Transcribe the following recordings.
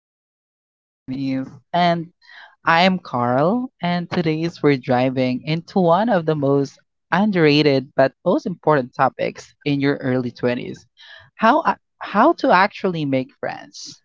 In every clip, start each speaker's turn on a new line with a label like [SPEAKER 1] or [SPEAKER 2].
[SPEAKER 1] Real Talk in Your 20s. And I'm Carl, and today's we're driving into one of the most underrated but most important topics in your early 20s. How to actually make friends.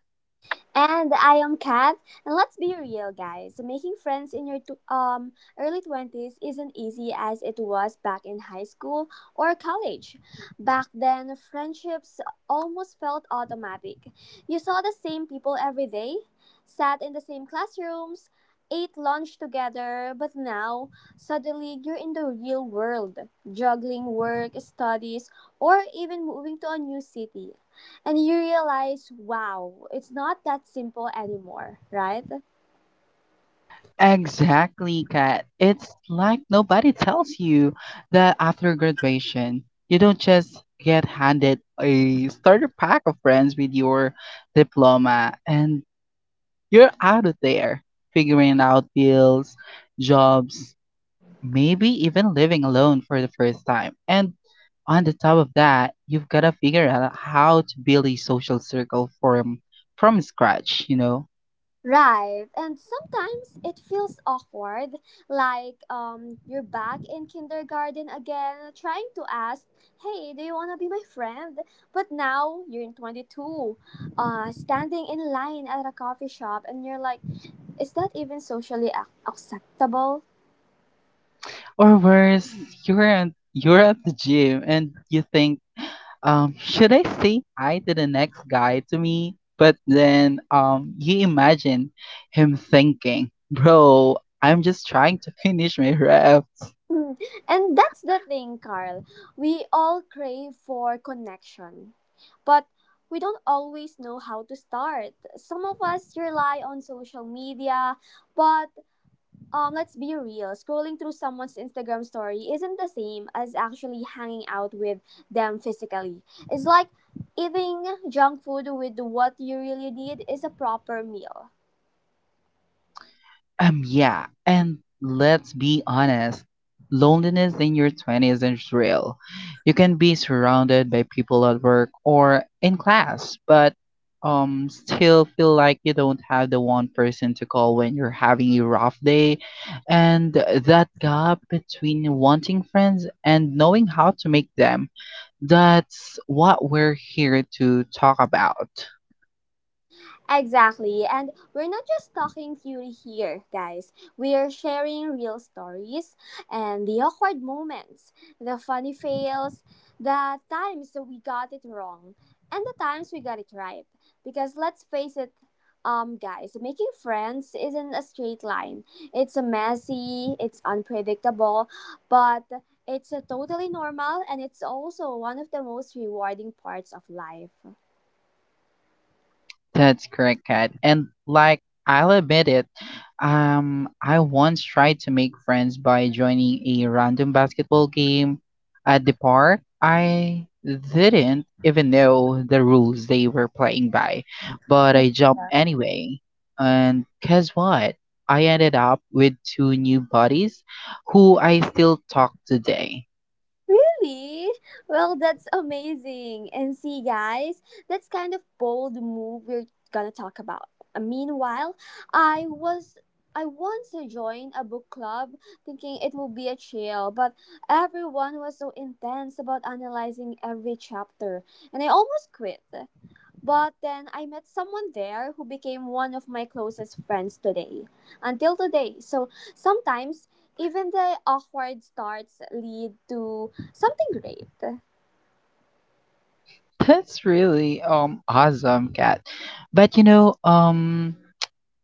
[SPEAKER 2] And I am Kat. And let's be real, guys. Making friends in your early 20s isn't easy as it was back in high school or college. Back then, friendships almost felt automatic. You saw the same people every day, sat in the same classrooms, ate lunch together, but now suddenly you're in the real world, juggling work, studies, or even moving to a new city. And you realize, wow, it's not that simple anymore, right?
[SPEAKER 1] Exactly, Kat. It's like nobody tells you that after graduation, you don't just get handed a starter pack of friends with your diploma and you're out of there figuring out bills, jobs, maybe even living alone for the first time. And on the top of that, you've got to figure out how to build a social circle from scratch, you know?
[SPEAKER 2] Right. And sometimes it feels awkward, like you're back in kindergarten again, trying to ask, hey, do you want to be my friend? But now you're in 22, standing in line at a coffee shop, and you're like, is that even socially acceptable?
[SPEAKER 1] Or worse, you're at the gym and you think, should I say hi to the next guy to me? But then you imagine him thinking, bro, I'm just trying to finish my rep.
[SPEAKER 2] Mm. And that's the thing, Carl. We all crave for connection, but we don't always know how to start. Some of us rely on social media, but let's be real. Scrolling through someone's Instagram story isn't the same as actually hanging out with them physically. It's like eating junk food with what you really need is a proper meal.
[SPEAKER 1] Yeah, and let's be honest, loneliness in your 20s is real. You can be surrounded by people at work or in class, but still feel like you don't have the one person to call when you're having a rough day, and that gap between wanting friends and knowing how to make them, that's what we're here to talk about.
[SPEAKER 2] Exactly. And we're not just talking theory here, guys. We are sharing real stories and the awkward moments, the funny fails, the times that we got it wrong, and the times we got it right. Because let's face it, guys, making friends isn't a straight line. It's a messy, it's unpredictable, but it's a totally normal and it's also one of the most rewarding parts of life.
[SPEAKER 1] That's correct, Kat. And like I'll admit it, I once tried to make friends by joining a random basketball game at the park. I didn't even know the rules they were playing by, but I jumped anyway. And guess what? I ended up with two new buddies who I still talk today.
[SPEAKER 2] Really? Well, that's amazing. And see, guys, that's kind of bold move we're gonna talk about. Meanwhile, I was I once joined a book club thinking it would be a chill, but everyone was so intense about analyzing every chapter, and I almost quit. But then I met someone there who became one of my closest friends today, until today. So sometimes even the awkward starts lead to something great.
[SPEAKER 1] That's really awesome, Kat. But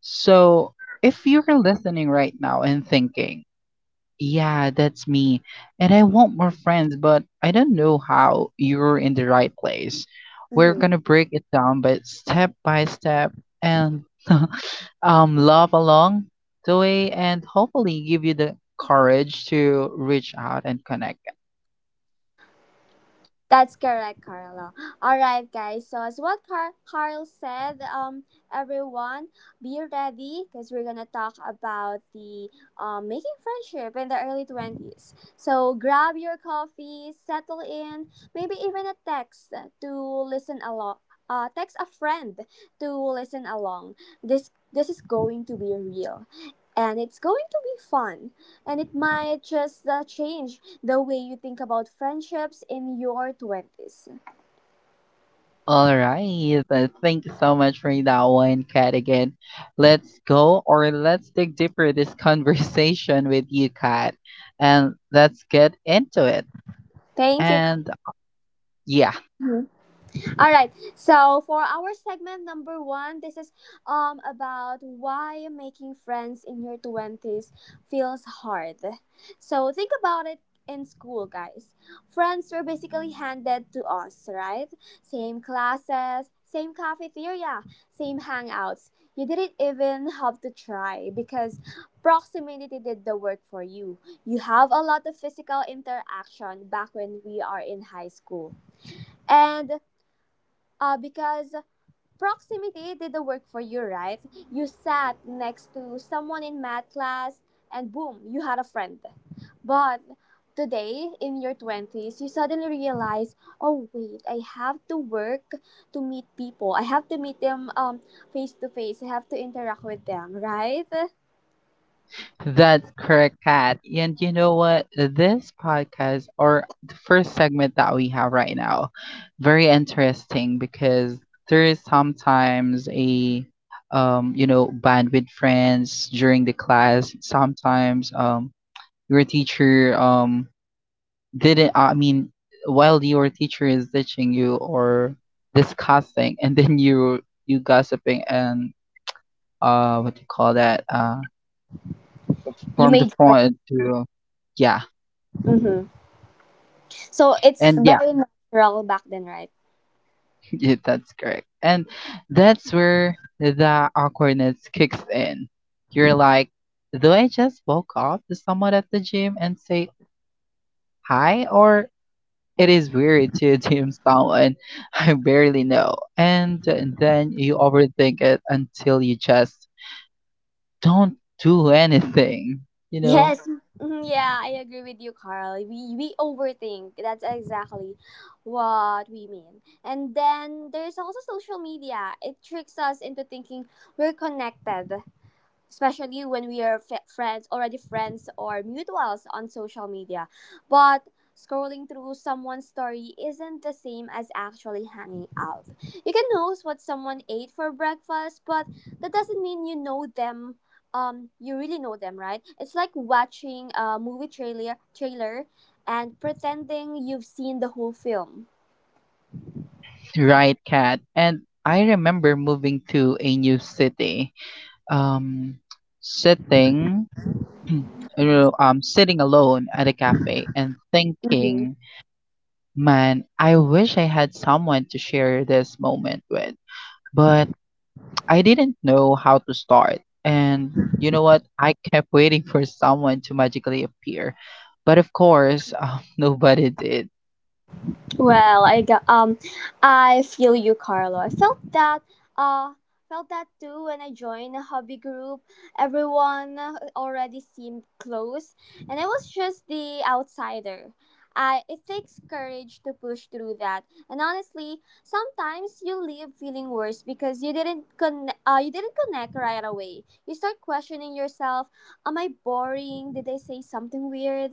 [SPEAKER 1] So, if you're listening right now and thinking, yeah, that's me, and I want more friends, but I don't know how, you're in the right place. We're
[SPEAKER 2] Mhm.
[SPEAKER 1] gonna break it down by step and love along the way, and hopefully give you the courage to reach out and connect.
[SPEAKER 2] That's correct, Carla. All right, guys. So as what Carl said, everyone be ready because we're gonna talk about the making friendship in the early 20s. So grab your coffee, settle in, maybe even a text to listen along. Text a friend to listen along. This is going to be real, and it's going to be fun and it might just change the way you think about friendships in your 20s.
[SPEAKER 1] All right. Thank you so much for that one, Kat. Again, let's go, or let's dig deeper this conversation with you, Kat, and let's get into it.
[SPEAKER 2] Thank you.
[SPEAKER 1] And yeah,
[SPEAKER 2] Carmen. All right. So for our segment number one, this is about why making friends in your twenties feels hard. So think about it in school, guys. Friends were basically handed to us, right? Same classes, same cafeteria, same hangouts. You didn't even have to try because proximity did the work for you. You have a lot of physical interaction back when we are in high school. And because proximity did the work for you, right? You sat next to someone in math class and boom, you had a friend. But today, in your 20s, you suddenly realize, oh, wait, I have to work to meet people. I have to meet them face to face. I have to interact with them, right?
[SPEAKER 1] that's correct, Kat. And you know what? This podcast, or the first segment that we have right now, very interesting because there is sometimes a, you know, band with friends during the class. Sometimes your teacher didn't I mean while your teacher is teaching you or discussing, and then you gossiping and what do you call that,
[SPEAKER 2] You
[SPEAKER 1] from the
[SPEAKER 2] made friends.
[SPEAKER 1] front to yeah,
[SPEAKER 2] Mm-hmm. So it's
[SPEAKER 1] and yeah,
[SPEAKER 2] very natural back then, right?
[SPEAKER 1] yeah, that's correct. And that's where the awkwardness kicks in. You're like, do I just walk up to someone at the gym and say hi? Or it is weird to assume someone I barely know, and then you overthink it until you just don't do anything, you know?
[SPEAKER 2] Yes. Mhm. Yeah, I agree with you, Carl. We overthink. That's exactly what we mean. And then there's also social media. It tricks us into thinking we're connected, especially when we are f- friends already friends or mutuals on social media, but scrolling through someone's story isn't the same as actually hanging out. You can know what someone ate for breakfast, but that doesn't mean you know them, you really know them, right? It's like watching a movie trailer and pretending you've seen the whole film.
[SPEAKER 1] Right, Kat. And I remember moving to a new city, um, sitting, you sitting alone at a cafe and
[SPEAKER 2] Mhm.
[SPEAKER 1] thinking, man, I wish I had someone to share this moment with. But I didn't know how to start. And you know what? I kept waiting for someone to magically appear. But of course, nobody did.
[SPEAKER 2] Well, I got I feel you, Carlo. I uh felt that too when I joined a hobby group. Everyone already seemed close, and I was just the outsider. I it takes courage to push through that, and honestly, sometimes you leave feeling worse because you didn't you didn't connect right away. You start questioning yourself: am I boring? Did I say something weird?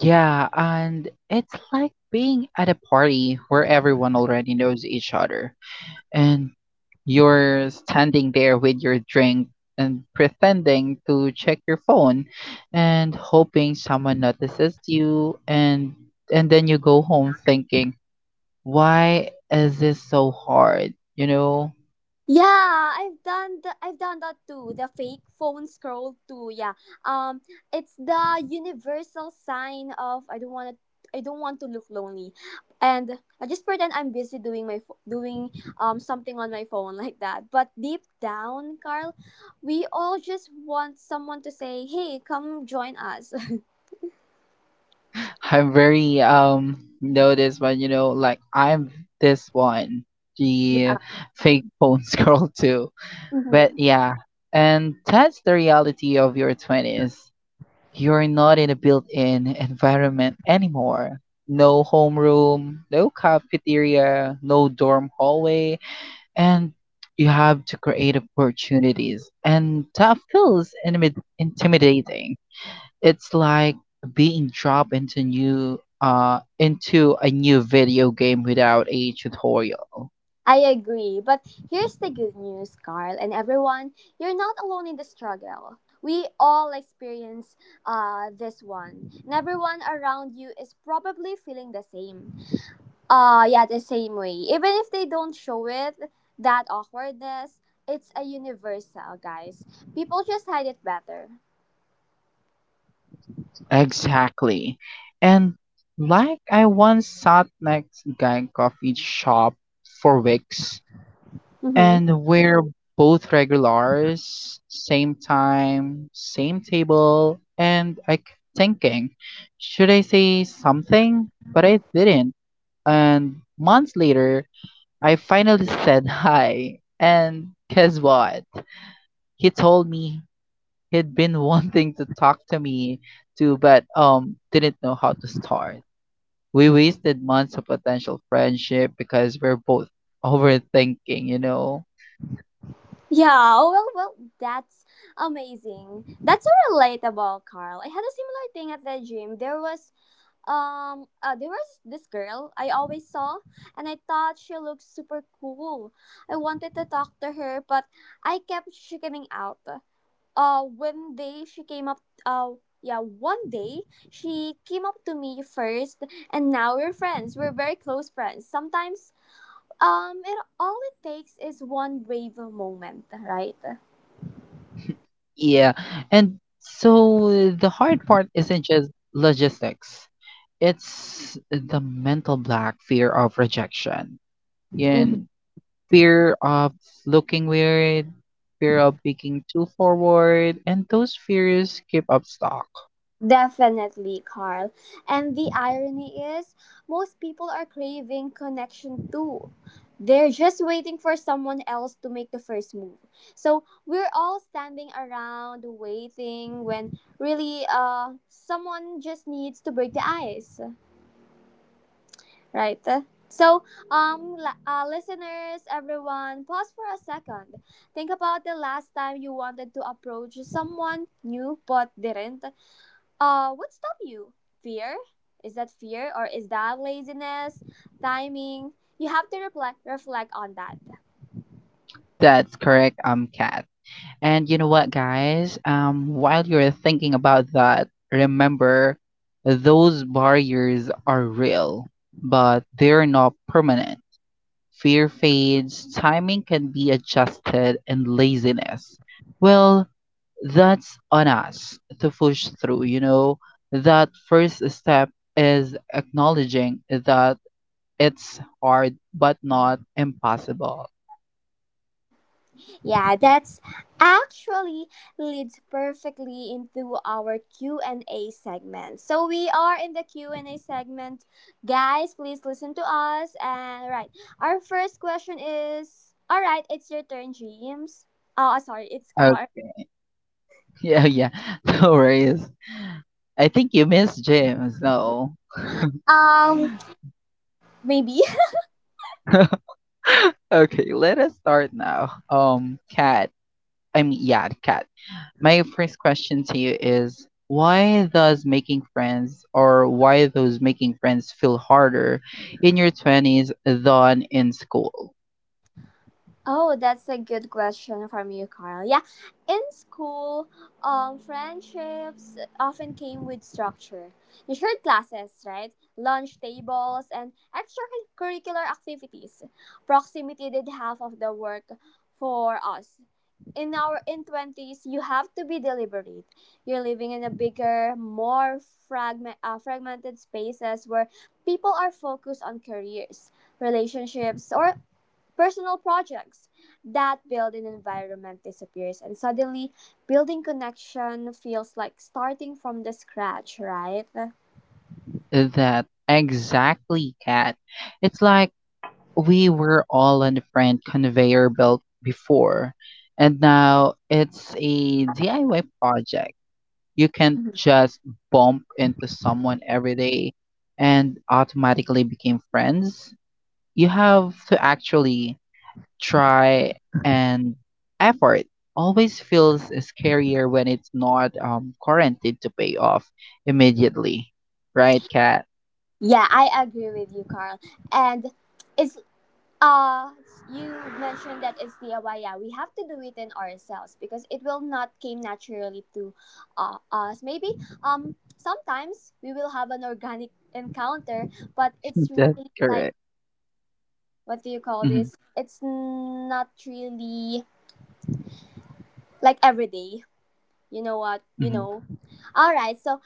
[SPEAKER 1] Yeah, and it's like being at a party where everyone already knows each other, and you're standing there with your drink and pretending to check your phone and hoping someone notices you, and then you go home thinking, why is this so hard, you know?
[SPEAKER 2] Yeah, I've done that too. The fake phone scroll too. Yeah. Um it's the universal sign of I don't want to look lonely. And I just pretend I'm busy doing something on my phone like that. But deep down, Carl, we all just want someone to say, "Hey, come join us."
[SPEAKER 1] I'm very noticed, when you know like I'm this one,
[SPEAKER 2] Yeah.
[SPEAKER 1] the fake phone girl too. But
[SPEAKER 2] Mhm.
[SPEAKER 1] yeah, and that's the reality of your 20s. You're not in a built-in environment anymore. No homeroom, no cafeteria, no dorm hallway, and you have to create opportunities. And that feels intimidating. It's like being dropped into new into a new video game without a tutorial.
[SPEAKER 2] I agree. But here's the good news, Carl and everyone. You're not alone in the struggle. We all experience this one. And everyone around you is probably feeling the same. Yeah, the same way. Even if they don't show it, that awkwardness, it's a universal, guys. People just hide it better.
[SPEAKER 1] Exactly. And like I once sat next guy coffee shop for weeks,
[SPEAKER 2] Mm-hmm.
[SPEAKER 1] and we're both regulars, same time, same table, and I kept thinking, should I say something? But I didn't. And months later, I finally said hi. And guess what? He told me he'd been wanting to talk to me too, but didn't know how to start. We wasted months of potential friendship because we're both overthinking, you know.
[SPEAKER 2] Yeah, well, well, that's amazing. That's so relatable, Carl. I had a similar thing at the gym. There was this girl I always saw and I thought she looked super cool. I wanted to talk to her but I kept chickening out. One day she came up uh yeah, one day she came up to me first and now we're friends. We're very close friends. Sometimes it all it takes is one brave moment, right?
[SPEAKER 1] Yeah. And so the hard part isn't just logistics, it's the mental block, fear of rejection,
[SPEAKER 2] Mm-hmm.
[SPEAKER 1] and fear of looking weird, fear of being too forward, and those fears keep up stock.
[SPEAKER 2] Definitely, Carl. And the irony is, most people are craving connection too. They're just waiting for someone else to make the first move. So we're all standing around waiting when really someone just needs to break the ice, right? So, listeners, everyone, pause for a second. Think about the last time you wanted to approach someone new but didn't. What stopped you? Fear? Is that fear or is that laziness? Timing? You have to reflect on that.
[SPEAKER 1] That's correct, Kat. And you know what, guys? While you're thinking about that, remember those barriers are real, but they're not permanent. Fear fades, timing can be adjusted, and laziness. Well, that's on us to push through, you know. That first step is acknowledging that it's hard but not impossible.
[SPEAKER 2] Yeah, that's actually leads perfectly into our Q&A segment. So we are in the Q&A segment. Guys, please listen to us and right. Our first question is all right, it's your turn, James. Oh, sorry, it's Car.
[SPEAKER 1] Okay. Yeah, yeah. No worries. I think you missed James. No.
[SPEAKER 2] Um, maybe.
[SPEAKER 1] Okay, let us start now. Yeah, Cat. My first question to you is, why those making friends feel harder in your 20s than in school?
[SPEAKER 2] Oh, that's a good question from you, Carl. Yeah, in school, friendships often came with structure. You shared classes, right? Lunch tables and extracurricular activities. Proximity did half of the work for us. In our in twenties, you have to be deliberate. You're living in a bigger, more fragmented spaces where people are focused on careers, relationships, or personal projects. That build an environment disappears and suddenly building connection feels like starting from the scratch, right?
[SPEAKER 1] That exactly, Kat. It's like we were all on the friend conveyor belt before, and now it's a DIY project. You can't
[SPEAKER 2] Mhm.
[SPEAKER 1] just bump into someone every day and automatically become friends. You have to actually try, and effort always feels scarier when it's not guaranteed to pay off immediately. Right, Kat?
[SPEAKER 2] Yeah, I agree with you, Carl. And it's uh you mentioned that it's DIY. Yeah, we have to do it in ourselves because it will not came naturally to us. Maybe sometimes we will have an organic encounter, but it's really
[SPEAKER 1] That's
[SPEAKER 2] like
[SPEAKER 1] correct.
[SPEAKER 2] what do you call
[SPEAKER 1] Hmm.
[SPEAKER 2] this? It's not really like every day. You know what? You
[SPEAKER 1] Hmm.
[SPEAKER 2] know. All right. So,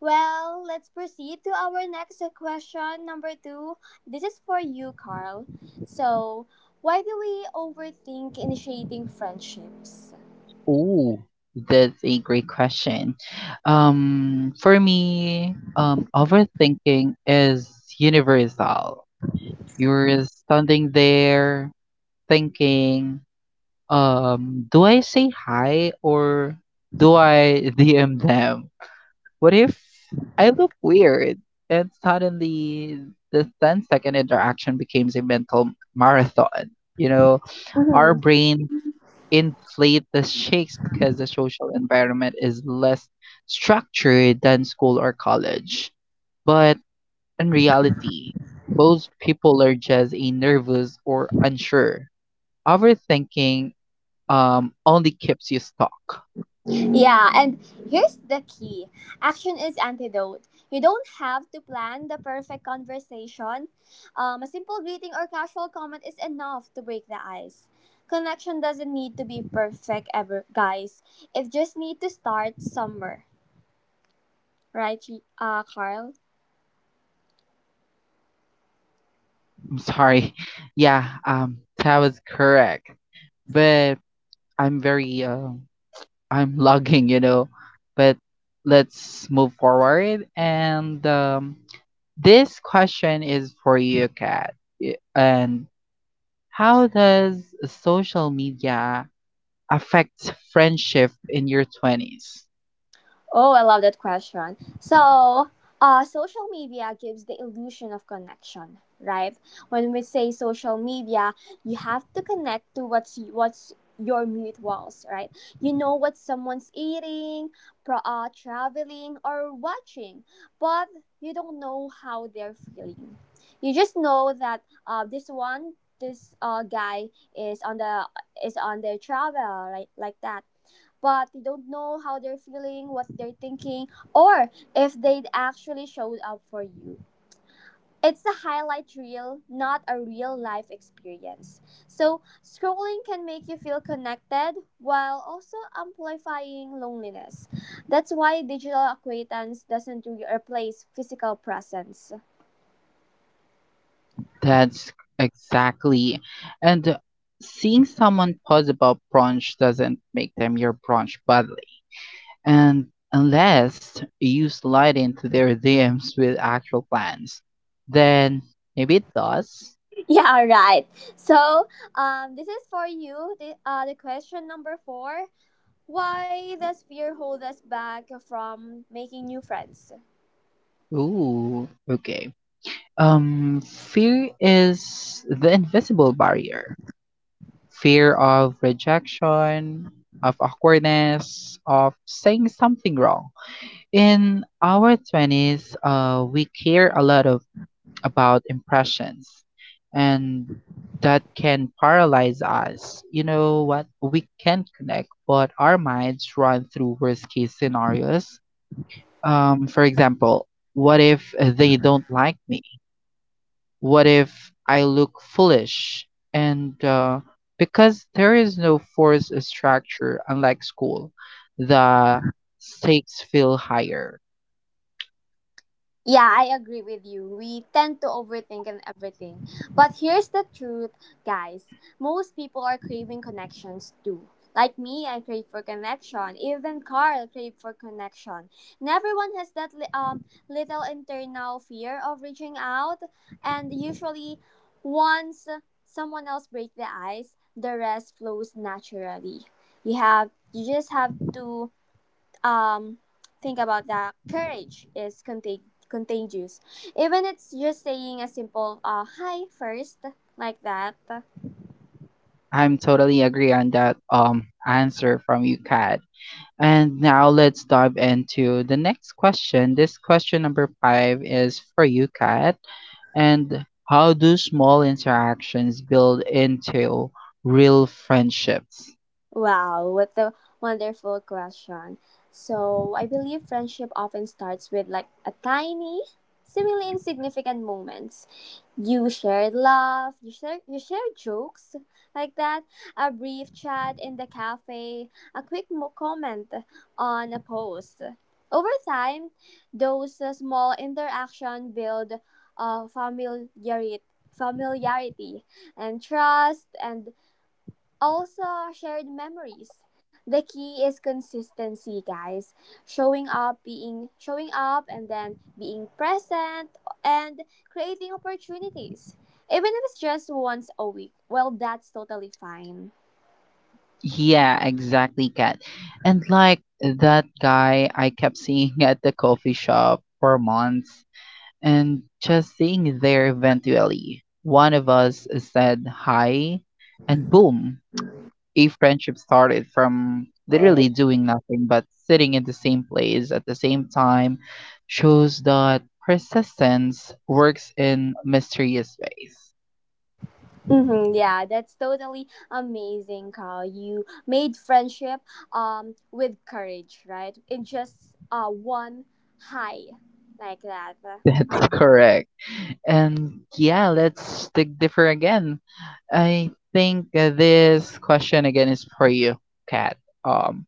[SPEAKER 2] well, let's proceed to our next question, number two. This is for you, Carl. So, why do we overthink initiating friendships?
[SPEAKER 1] Ooh, that's a great question. For me, overthinking is universal. You're standing there thinking, do I say hi or do I DM them? What if I look weird? And suddenly the ten-second interaction becomes a mental marathon. You know, our
[SPEAKER 2] Mm-hmm.
[SPEAKER 1] brain inflate the shakes because the social environment is less structured than school or college. But in reality, most people are just a nervous or unsure. Overthinking only keeps you stuck.
[SPEAKER 2] Yeah, and here's the key action is antidote. You don't have to plan the perfect conversation. A simple greeting or casual comment is enough to break the ice. Connection doesn't need to be perfect ever, guys. It just need to start somewhere, right, Carl?
[SPEAKER 1] I'm sorry. Yeah, that was correct. But I'm I'm logging, you know. But let's move forward. And this question is for you, Kat. Y- And How does social media affects friendship in your twenties?
[SPEAKER 2] Oh, I love that question. So, social media gives the illusion of connection, right? When we say social media, you have to connect to what's your mutuals, right? You know what someone's eating, traveling, or watching, but you don't know how they're feeling. You just know that this one, this guy is on the is on their travel, right? Like that but they don't know how they're feeling, what they're thinking, or if they actually showed up for you. It's a highlight reel, not a real life experience. So, scrolling can make you feel connected while also amplifying loneliness. That's why digital acquaintance doesn't replace physical presence.
[SPEAKER 1] That's exactly. And seeing someone pause about brunch doesn't make them your brunch buddy. And unless you slide into their DMs with actual plans, then maybe it does.
[SPEAKER 2] Yeah, right. So, this is for you. The question number four. Why does fear hold us back from making new friends?
[SPEAKER 1] Ooh, okay. Fear is the invisible barrier. Fear of rejection, of awkwardness, of saying something wrong. In our 20s, we care a lot of about impressions, and that can paralyze us. You know what? We can connect, but our minds run through worst case scenarios. For example, what if they don't like me? What if I look foolish? And because there is no forced structure, unlike school, the stakes feel higher.
[SPEAKER 2] Yeah, I agree with you. We tend to overthink and everything. But here's the truth, guys. Most people are craving connections too. Like me, I crave for connection. Even Carl craved for connection. And everyone has that little internal fear of reaching out. And usually, once someone else breaks the ice, the rest flows naturally. You just have to um think about that courage is contagious, even it's just saying a simple hi first, like that.
[SPEAKER 1] I'm totally agree on that answer from you, Kat. And now let's dive into the next question. This question number five is for you, Kat. And how do small interactions build into real friendships?
[SPEAKER 2] Wow, what a wonderful question. So, I believe friendship often starts with like a tiny, seemingly insignificant moments. You share jokes like that, a brief chat in the cafe, a quick comment on a post. Over time, those small interaction build familiarity, familiarity and trust and also, shared memories. The key is consistency, guys. Showing up, and then being present and creating opportunities. Even if it's just once a week. Well, that's totally fine.
[SPEAKER 1] Yeah, exactly, Kat. And like that guy I kept seeing at the coffee shop for months, and just seeing there eventually. One of us said hi, and boom, a friendship started from literally doing nothing but sitting in the same place at the same time shows that persistence works in mysterious ways.
[SPEAKER 2] Mm-hmm, yeah, that's totally amazing, Carl. You made friendship with courage, right? In just one high like that.
[SPEAKER 1] That's correct. And yeah, let's dig deeper again. I think this question again is for you, Kat. Um,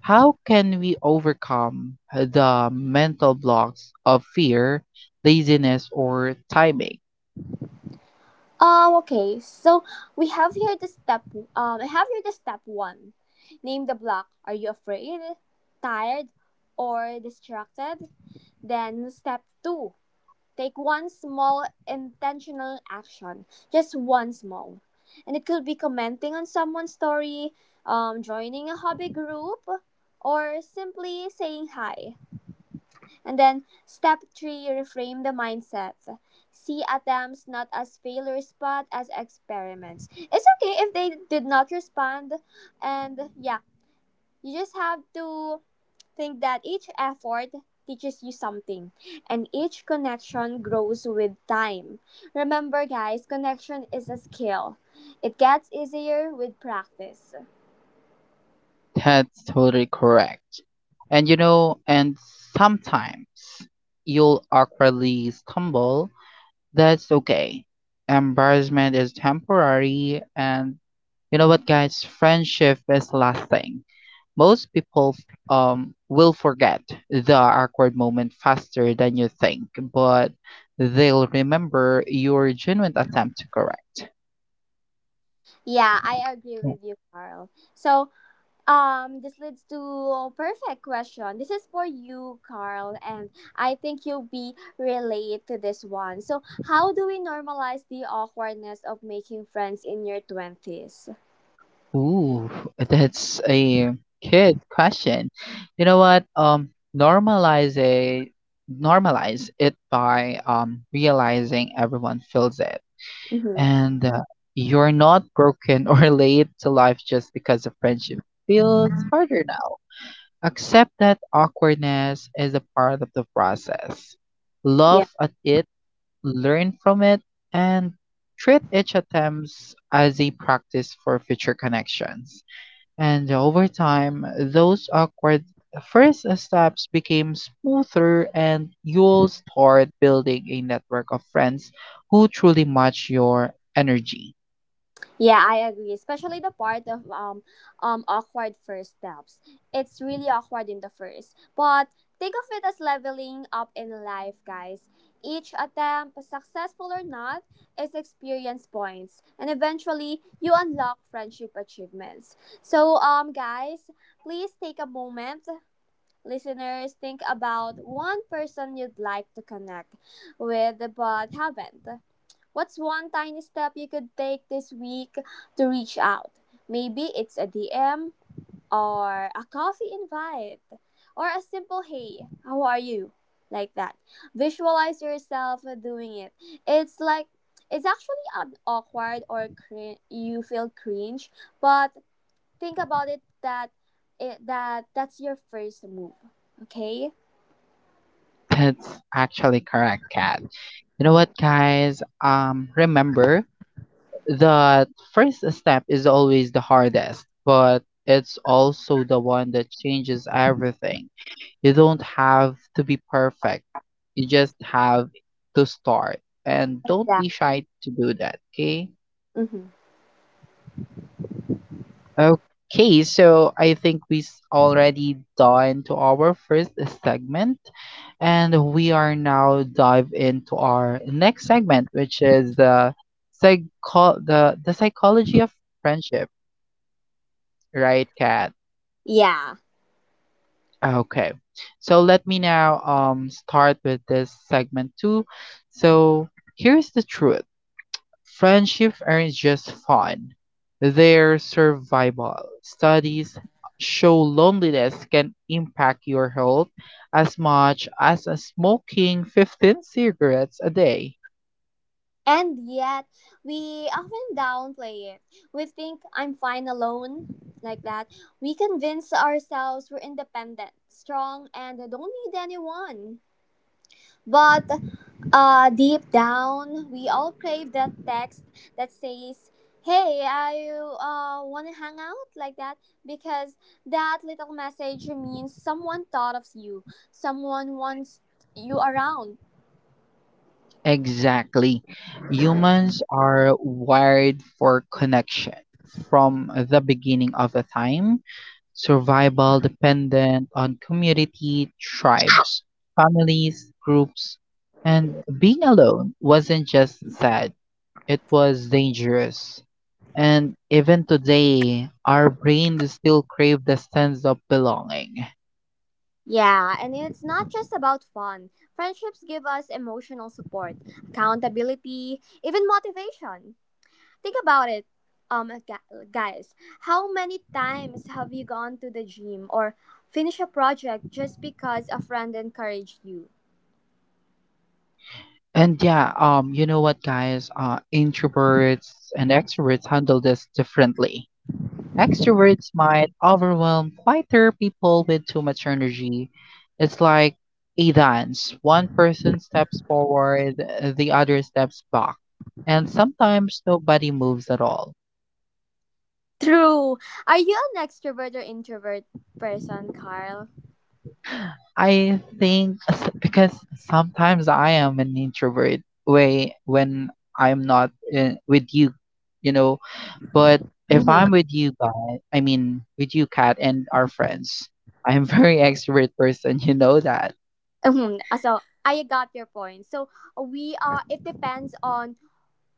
[SPEAKER 1] how can we overcome the mental blocks of fear, laziness, or timing?
[SPEAKER 2] Okay. So we have here the step. I have here the step one. Name the block. Are you afraid, tired, or distracted? Then step two. Take one small intentional action. Just one small, and it could be commenting on someone's story, joining a hobby group, or simply saying hi. And then step three, reframe the mindset. See attempts not as failures but as experiments. It's okay if they did not respond. And yeah, you just have to think that each effort teaches you something and each connection grows with time. Remember, guys, connection is a skill. It gets easier with practice.
[SPEAKER 1] That's totally correct. And you know, and sometimes you'll awkwardly stumble. That's okay. Embarrassment is temporary, and you know what, guys? Friendship is lasting. Most people will forget the awkward moment faster than you think, but they'll remember your genuine attempt to correct.
[SPEAKER 2] Yeah, I agree
[SPEAKER 1] Yeah.
[SPEAKER 2] with you, Carl. So this leads to a perfect question. This is for you, Carl, and I think you'll be relate to this one. So, how do we normalize the awkwardness of making friends in your twenties?
[SPEAKER 1] Ooh, that's a good question. You know what? Normalize a Normalize it by realizing everyone feels it,
[SPEAKER 2] Mm-hmm.
[SPEAKER 1] and you're not broken or late to life just because a friendship feels harder now. Accept that awkwardness is a part of the process. Love at it, learn from it, and treat each attempts as a practice for future connections. And over time, those awkward first steps became smoother, and you'll start building a network of friends who truly match your energy.
[SPEAKER 2] Yeah, I agree. Especially the part of awkward first steps. It's really awkward in the first. But think of it as leveling up in life, guys. Each attempt, successful or not, is experience points. And eventually you unlock friendship achievements. So guys, please take a moment, listeners, think about one person you'd like to connect with but haven't. What's one tiny step you could take this week to reach out? Maybe it's a DM or a coffee invite or a simple hey, how are you? Like that. Visualize yourself doing it. It's like it's actually an awkward or you feel cringe, but think about it that that's your first move, okay?
[SPEAKER 1] That's actually correct, Kat. You know what, guys? Remember that first step is always the hardest, but it's also the one that changes everything. You don't have to be perfect. You just have to start. And don't be
[SPEAKER 2] Exactly.
[SPEAKER 1] shy to do that, okay?
[SPEAKER 2] Hmm.
[SPEAKER 1] Okay, so I think we have already done to our first segment, and we are now dive into our next segment, which is the the psychology of friendship, right, Kat?
[SPEAKER 2] Yeah.
[SPEAKER 1] Okay. So let me now start with this segment too. So here's the truth. Friendships aren't just fun, they're survival. Studies show loneliness can impact your health as much as smoking 15 cigarettes a day.
[SPEAKER 2] And yet, we often downplay it. We think I'm fine alone, like that. We convince ourselves we're independent, strong, and don't need anyone. But deep down, we all crave that text that says, hey, I want to hang out, like that, because that little message means someone thought of you, someone wants you around.
[SPEAKER 1] Exactly. Humans are wired for connection. From the beginning of the time, survival dependent on community, tribes, families, groups, and being alone wasn't just sad. It was dangerous, and even today our brain still crave the sense of belonging.
[SPEAKER 2] Yeah, and it's not just about fun. Friendships give us emotional support, accountability, even motivation. Think about it. Guys, how many times have you gone to the gym or finished a project just because a friend encouraged you?
[SPEAKER 1] And yeah, you know what, guys? Introverts and extroverts handle this differently. Extroverts might overwhelm quieter people with too much energy. It's like a dance. One person steps forward, the other steps back, and sometimes nobody moves at all.
[SPEAKER 2] True. Are you an extrovert or introvert person, Carl?
[SPEAKER 1] Because sometimes I am an introvert way when I'm not in, with you, you know. But if
[SPEAKER 2] Mm-hmm.
[SPEAKER 1] I'm with you guys, I mean with you, Kat, and our friends, I'm very extrovert person. You know that.
[SPEAKER 2] So I got your point. So we are. It depends on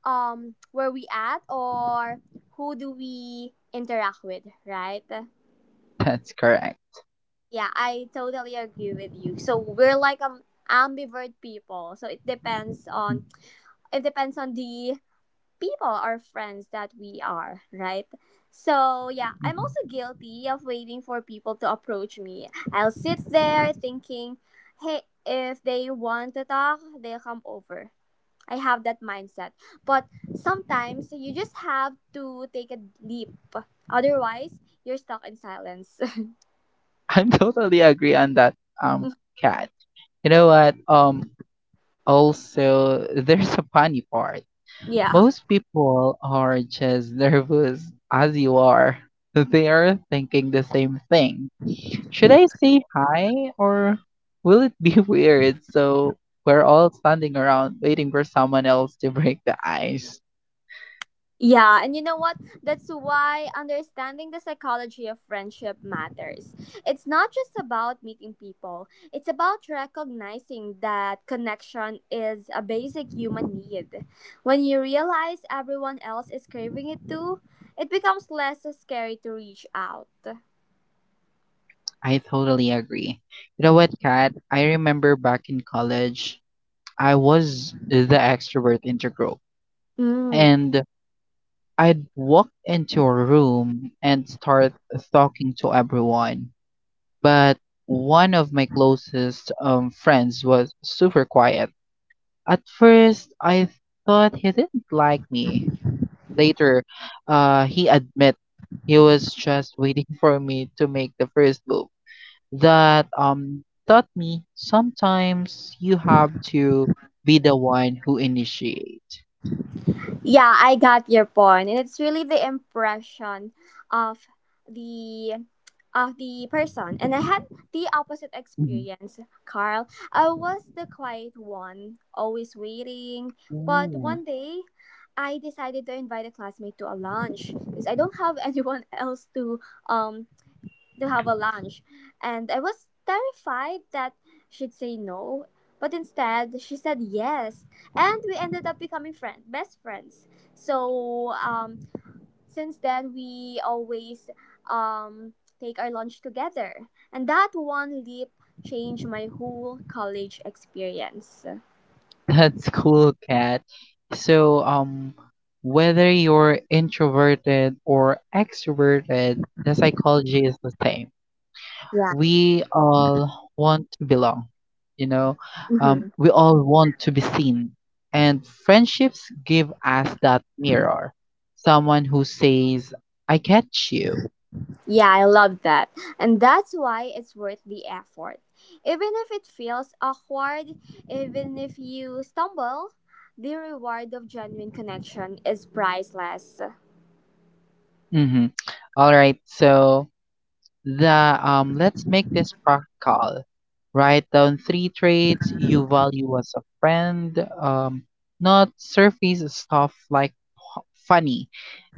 [SPEAKER 2] where we at or who do we interact with, right?
[SPEAKER 1] That's correct.
[SPEAKER 2] Yeah, I totally agree with you. So we're like ambivert people. So it depends on the people or friends that we are, right? So yeah, I'm
[SPEAKER 1] Mhm.
[SPEAKER 2] also guilty of waiting for people to approach me. I'll sit there thinking, hey, if they want to talk, they'll come over. I have that mindset. But sometimes you just have to take a leap. Otherwise, you're stuck in silence.
[SPEAKER 1] I totally agree on that, um, Kat. You know what? Also there's a funny part.
[SPEAKER 2] Yeah.
[SPEAKER 1] Most people are just nervous as you are. They are thinking the same thing. Should I say hi or will it be weird? So we're all standing around waiting for someone else to break the ice.
[SPEAKER 2] Yeah, and you know what? That's why understanding the psychology of friendship matters. It's not just about meeting people, it's about recognizing that connection is a basic human need. When you realize everyone else is craving it too, it becomes less scary to reach out.
[SPEAKER 1] I totally agree. You know what, Kat? I remember back in college, I was the extrovert in the group.
[SPEAKER 2] Mm.
[SPEAKER 1] And I'd walk into a room and start talking to everyone, but one of my closest friends was super quiet. At first, I thought he didn't like me. Later, he admit he was just waiting for me to make the first move. That taught me sometimes you have to be the one who initiate.
[SPEAKER 2] Yeah, I got your point, and it's really the impression of the of the person. And I had the opposite
[SPEAKER 1] Mhm.
[SPEAKER 2] experience, Carl. I was the quiet one, always waiting. But one day, I decided to invite a classmate to a lunch because I don't have anyone else um to have a lunch, and I was terrified that she'd say no. But instead, she said yes, and we ended up becoming best friends. So since then, we always um, take our lunch together, and that one leap changed my whole college experience.
[SPEAKER 1] That's cool, Kat. So, whether you're introverted or extroverted, the psychology is the same.
[SPEAKER 2] Yeah.
[SPEAKER 1] We all want to belong, you know,
[SPEAKER 2] Mhm.
[SPEAKER 1] we all want to be seen. And friendships give us that mirror, someone who says, I get you.
[SPEAKER 2] Yeah, I love that. And that's why it's worth the effort. Even if it feels awkward, even if you stumble, the reward of genuine connection is priceless.
[SPEAKER 1] Mm-hmm. All right, so. The Let's make this practical. Write down three traits you value as a friend, um, not surface stuff like p- funny,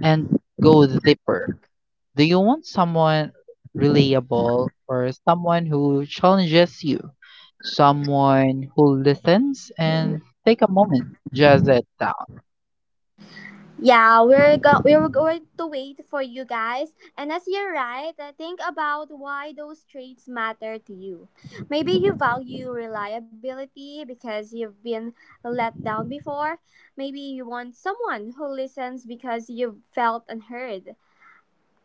[SPEAKER 1] and go deeper. Do you want someone reliable or someone who challenges you? Someone who listens and take a moment, just it down.
[SPEAKER 2] Yeah, we're going to wait for you guys. And as you write, think about why those traits matter to you. Maybe you value reliability because you've been let down before. Maybe you want someone who listens because you've felt unheard.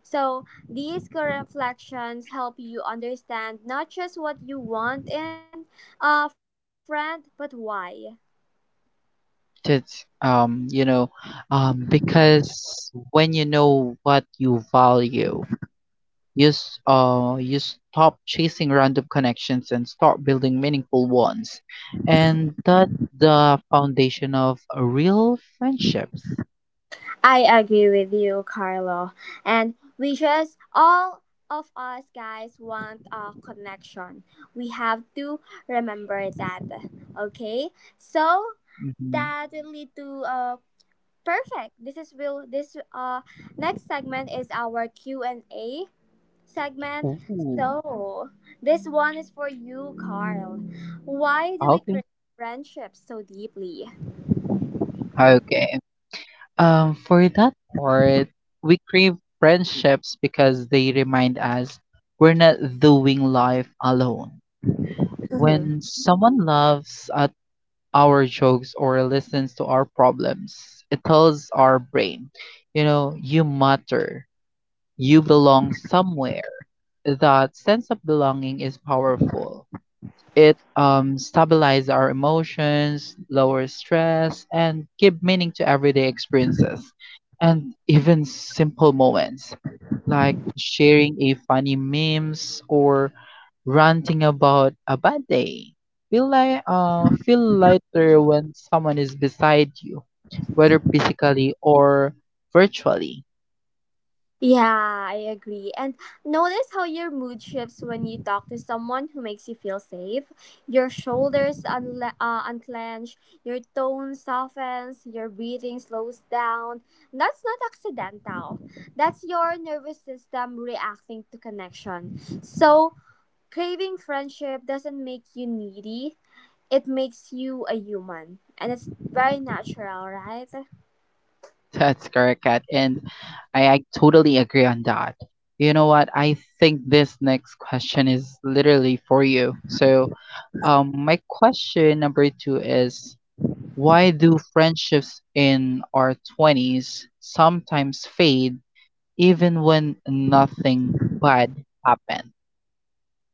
[SPEAKER 2] So, these reflections help you understand not just what you want in a friend, but why.
[SPEAKER 1] It's um, you know, because when you know what you value, you stop chasing random connections and start building meaningful ones. And that's the foundation of a real friendships.
[SPEAKER 2] I agree with you, Carlo. And we just, all of us guys, want a connection. We have to remember that. Okay? So,
[SPEAKER 1] Hmm.
[SPEAKER 2] that will lead to a perfect. This is will this next segment is our Q and A segment.
[SPEAKER 1] Ooh,
[SPEAKER 2] So, this one is for you, Carl. Why do we
[SPEAKER 1] okay.
[SPEAKER 2] crave friendships so deeply?
[SPEAKER 1] Okay. For that part, we crave friendships because they remind us we're not doing life alone.
[SPEAKER 2] Mm-hmm.
[SPEAKER 1] When someone loves a our jokes or listens to our problems. It tells our brain, you know, you matter, you belong somewhere. That sense of belonging is powerful. It stabilizes our emotions, lowers stress, and give meaning to everyday experiences and even simple moments like sharing a funny memes or ranting about a bad day. Feel like feel lighter when someone is beside you, whether physically or virtually.
[SPEAKER 2] Yeah, I agree. And notice how your mood shifts when you talk to someone who makes you feel safe. Your shoulders unclench, your tone softens, your breathing slows down. That's not accidental. That's your nervous system reacting to connection. So, craving friendship doesn't make you needy. It makes you a human, and it's very natural, right?
[SPEAKER 1] That's correct, Kat. And I totally agree on that. You know what? I think this next question is literally for you. So, my question number two is why do friendships in our 20s sometimes fade even when nothing bad happened?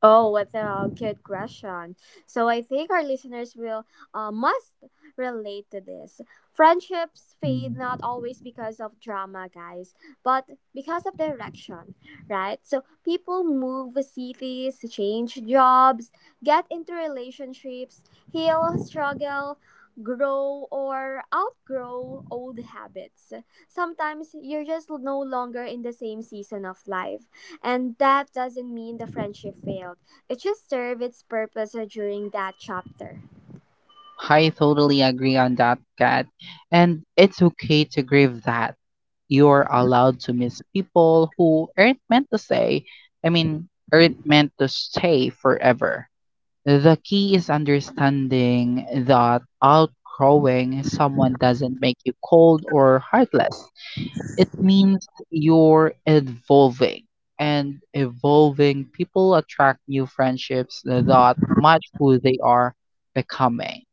[SPEAKER 2] Oh, what a good question. So I think our listeners will must relate to this. Friendships fade
[SPEAKER 1] Mm-hmm.
[SPEAKER 2] not always because of drama, guys, but because of direction, right? So people move cities, change jobs, get into relationships, heal, struggle, grow or outgrow old habits. Sometimes you're just no longer in the same season of life. And that doesn't mean the friendship failed. It just served its purpose during that chapter.
[SPEAKER 1] I totally agree on that, Kat. And it's okay to grieve that. You're allowed to miss people who aren't meant to stay. I mean, aren't meant to stay forever. The key is understanding that outgrowing someone doesn't make you cold or heartless. It means you're evolving. And evolving people attract new friendships that match who they are becoming.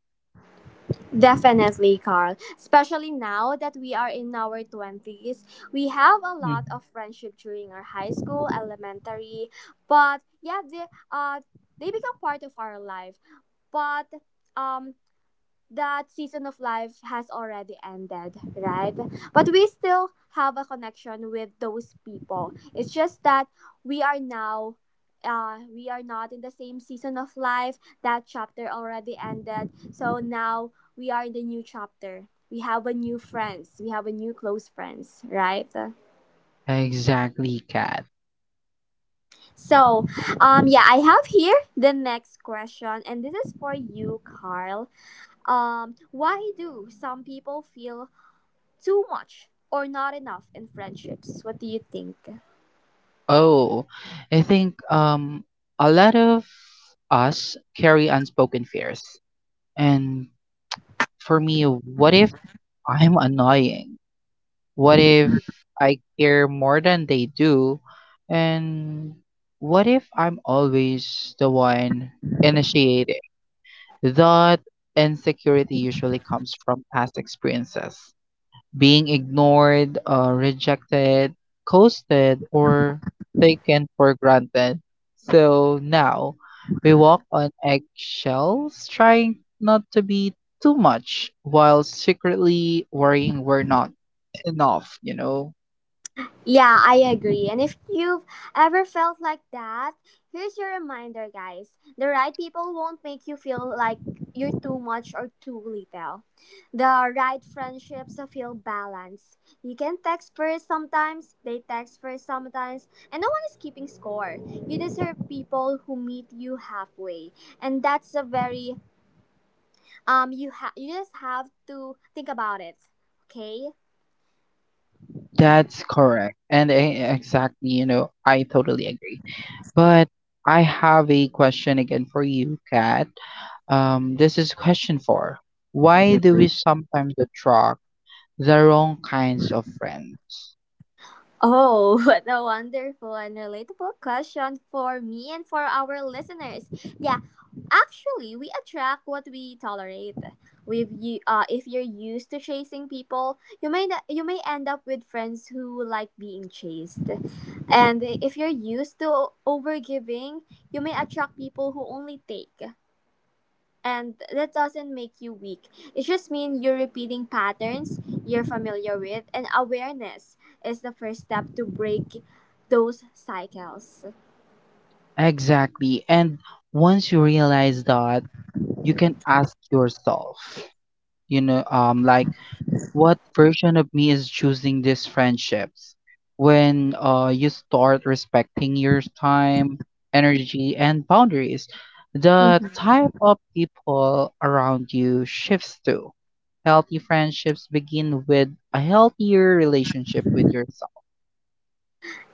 [SPEAKER 2] Definitely, Carl. Especially now that we are in our 20s, we have a lot
[SPEAKER 1] Mm-hmm.
[SPEAKER 2] of friendship during our high school, elementary, but yeah, uh, they become part of our life. But um, that season of life has already ended, right? But we still have a connection with those people. It's just that we are now we are not in the same season of life. That chapter already ended. So now we are in the new chapter. We have a new friends. We have a new close friends, right?
[SPEAKER 1] Exactly, Kat.
[SPEAKER 2] So, yeah, I have here the next question and this is for you, Carl. Um, why do some people feel too much or not enough in friendships? What do you think?
[SPEAKER 1] Oh, I think a lot of us carry unspoken fears. And for me, what if I'm annoying? What if I care more than they do? And what if I'm always the one initiating? That insecurity usually comes from past experiences. Being ignored, rejected, coasted, or taken for granted. So now we walk on eggshells, trying not to be too much while secretly worrying we're not enough, you know?
[SPEAKER 2] Yeah, I agree. And if you've ever felt like that, here's your reminder, guys. The right people won't make you feel like you're too much or too little. The right friendships feel balanced. You can text first sometimes, they text first sometimes, and no one is keeping score. You deserve people who meet you halfway. And that's a very you just have to think about it, okay?
[SPEAKER 1] That's correct. And exactly, you know, I totally agree. But I have a question again for you, Kat. This is question four. Why do we sometimes attract? The wrong kinds of friends.
[SPEAKER 2] Oh, what a wonderful and relatable question for me and for our listeners. Yeah, actually, we attract what we tolerate. With you, if you're used to chasing people, you may end up with friends who like being chased, and if you're used to overgiving, you may attract people who only take. And that doesn't make you weak. It just means you're repeating patterns you're familiar with, and awareness is the first step to break those cycles.
[SPEAKER 1] Exactly. And once you realize that, you can ask yourself, you know, what version of me is choosing these friendships when you start respecting your time energy and boundaries, the type of people around you shifts too. Healthy friendships begin with a healthier relationship with yourself.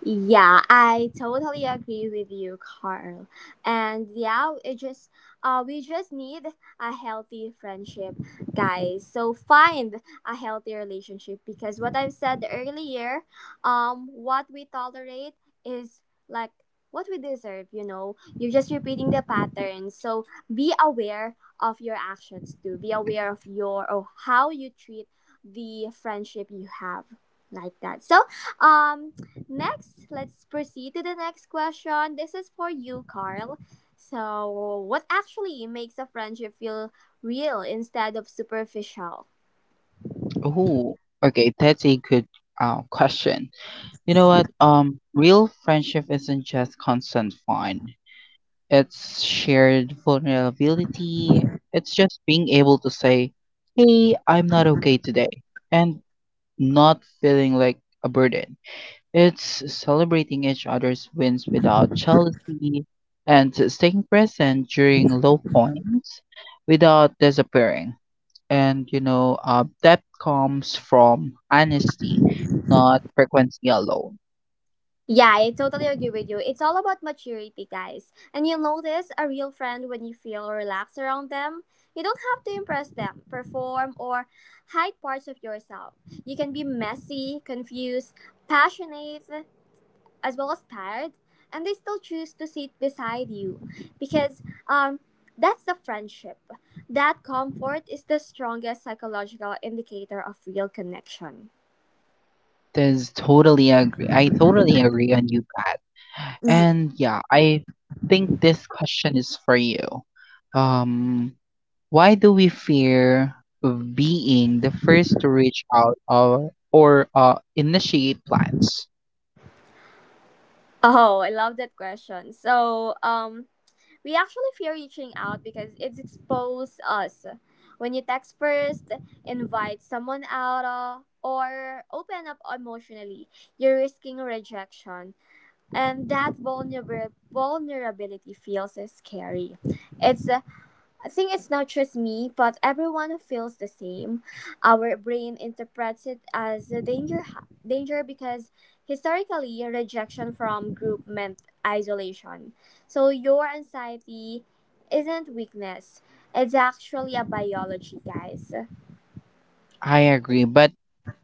[SPEAKER 2] Yeah, I totally agree with you, Carl. And yeah, it just we just need a healthy friendship, guys. So find a healthy relationship because what I've said earlier, what we tolerate is like what we deserve, you know. You're just repeating the pattern. So be aware of your actions too. Be aware of your or how you treat the friendship you have like that. So um next, let's proceed to the next question. This is for you, Carl. So, what actually makes a friendship feel real instead of superficial?
[SPEAKER 1] Oh, okay, that's a good question. You know what? Real friendship isn't just constant fun. It's shared vulnerability. It's just being able to say, "Hey, I'm not okay today," and not feeling like a burden. It's celebrating each other's wins without jealousy, and staying present during low points without disappearing. And you know, depth comes from honesty, not frequency alone.
[SPEAKER 2] Yeah, I totally agree with you. It's all about maturity, guys. And you'll notice a real friend when you feel relaxed around them. You don't have to impress them, perform, or hide parts of yourself. You can be messy, confused, passionate, as well as tired, and they still choose to sit beside you because um, that's the friendship. That comfort is the strongest psychological indicator of real connection.
[SPEAKER 1] This totally agree. I totally agree on you guys.
[SPEAKER 2] Mhm.
[SPEAKER 1] And yeah, I think this question is for you. Um, why do we fear of being the first to reach out or initiate plans?
[SPEAKER 2] Oh, I love that question. So, we actually fear reaching out because it's expose us. When you text first, invite someone out, or open up emotionally, you're risking rejection. And that vulnerability feels as scary. It's I think it's not just me, but everyone feels the same. Our brain interprets it as a danger because historically rejection from group meant isolation. So your anxiety isn't weakness. It's actually a biology, guys.
[SPEAKER 1] I agree, but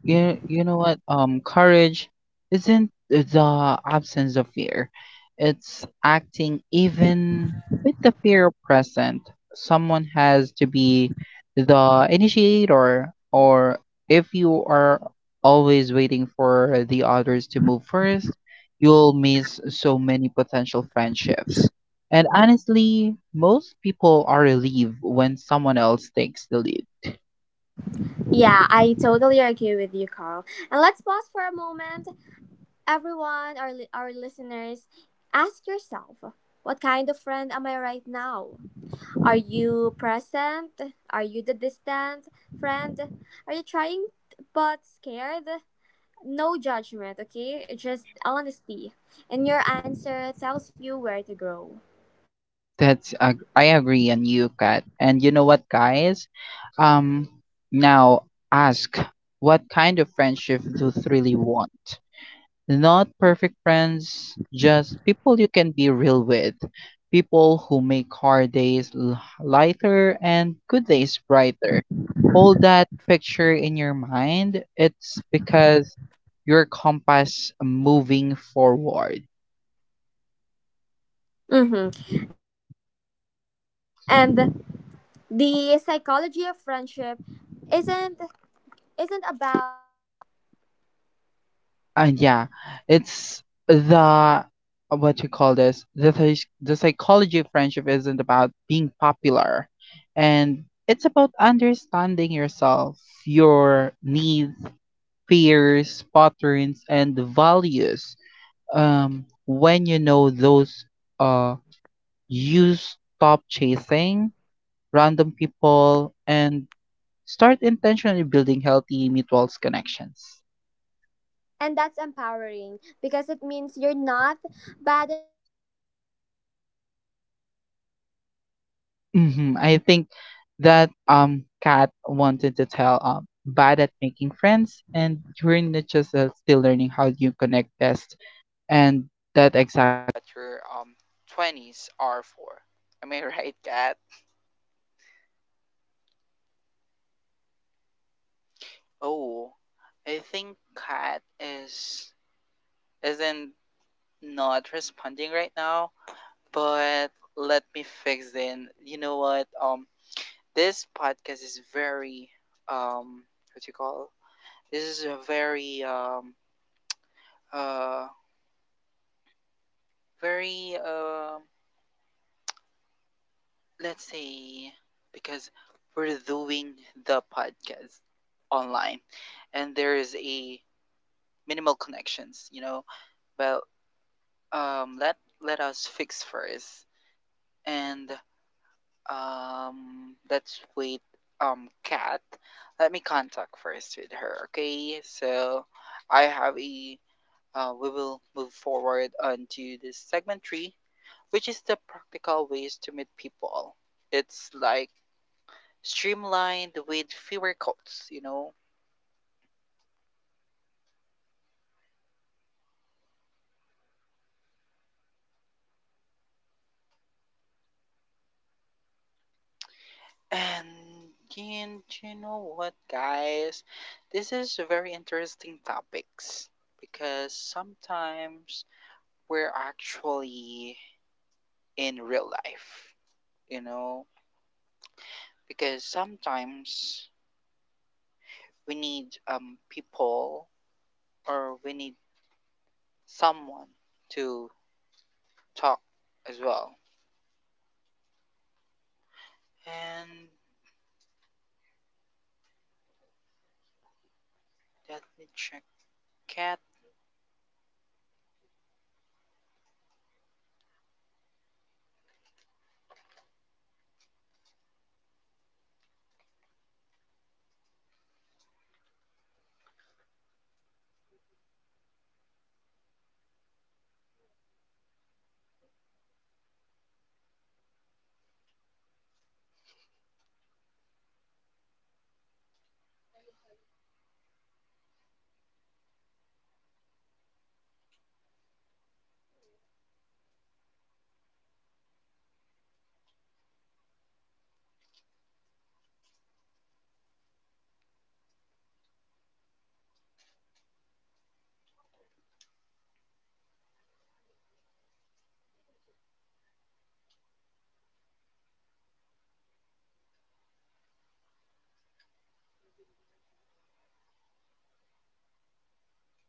[SPEAKER 1] you know what? Courage isn't the absence of fear; it's acting even with the fear present. Someone has to be the initiator, or if you are always waiting for the others to move first, you'll miss so many potential friendships. And honestly, most people are relieved when someone else takes the lead.
[SPEAKER 2] Yeah, I totally agree with you, Carl. And let's pause for a moment everyone, our listeners, ask yourself what kind of friend am I right now? Are you present? Are you the distant friend? Are you trying but scared? No judgment, okay? Just honesty. And your answer tells you where to grow.
[SPEAKER 1] I agree on you, Kat. And you know what, guys? Um, Now ask what kind of friendship do you really want? Not perfect friends, just people you can be real with, people who make hard days lighter and good days brighter. Hold that picture in your mind. It's because your compass moving forward. Yeah, it's the what you call this the psych- the psychology of friendship isn't about being popular, and it's about understanding yourself, your needs, fears, patterns, and values. When you know those, uh, you stop chasing random people and start intentionally building healthy mutual connections. Hmm. I think that Kat wanted to tell bad at making friends and you're not just still learning how you connect best, and that exactly what your twenties are for. Am I right, Kat? Oh, I think Kat is isn't not responding right now, but let me fix in. You know what? This podcast is very um what you call this is a very, uh, very, let's say, because we're doing the podcast online, and there is a minimal connections, you know. Well, um, let let us fix first, and let's wait. Cat, let me contact first with her. Okay, so I have a. We will move forward onto this segment three, which is the practical ways to meet people. It's like streamlined with fewer codes, you know. And and you know what, guys? This is very interesting topics because sometimes we're actually in real life, you know. Because sometimes we need people or we need someone to talk as well. And let me check cat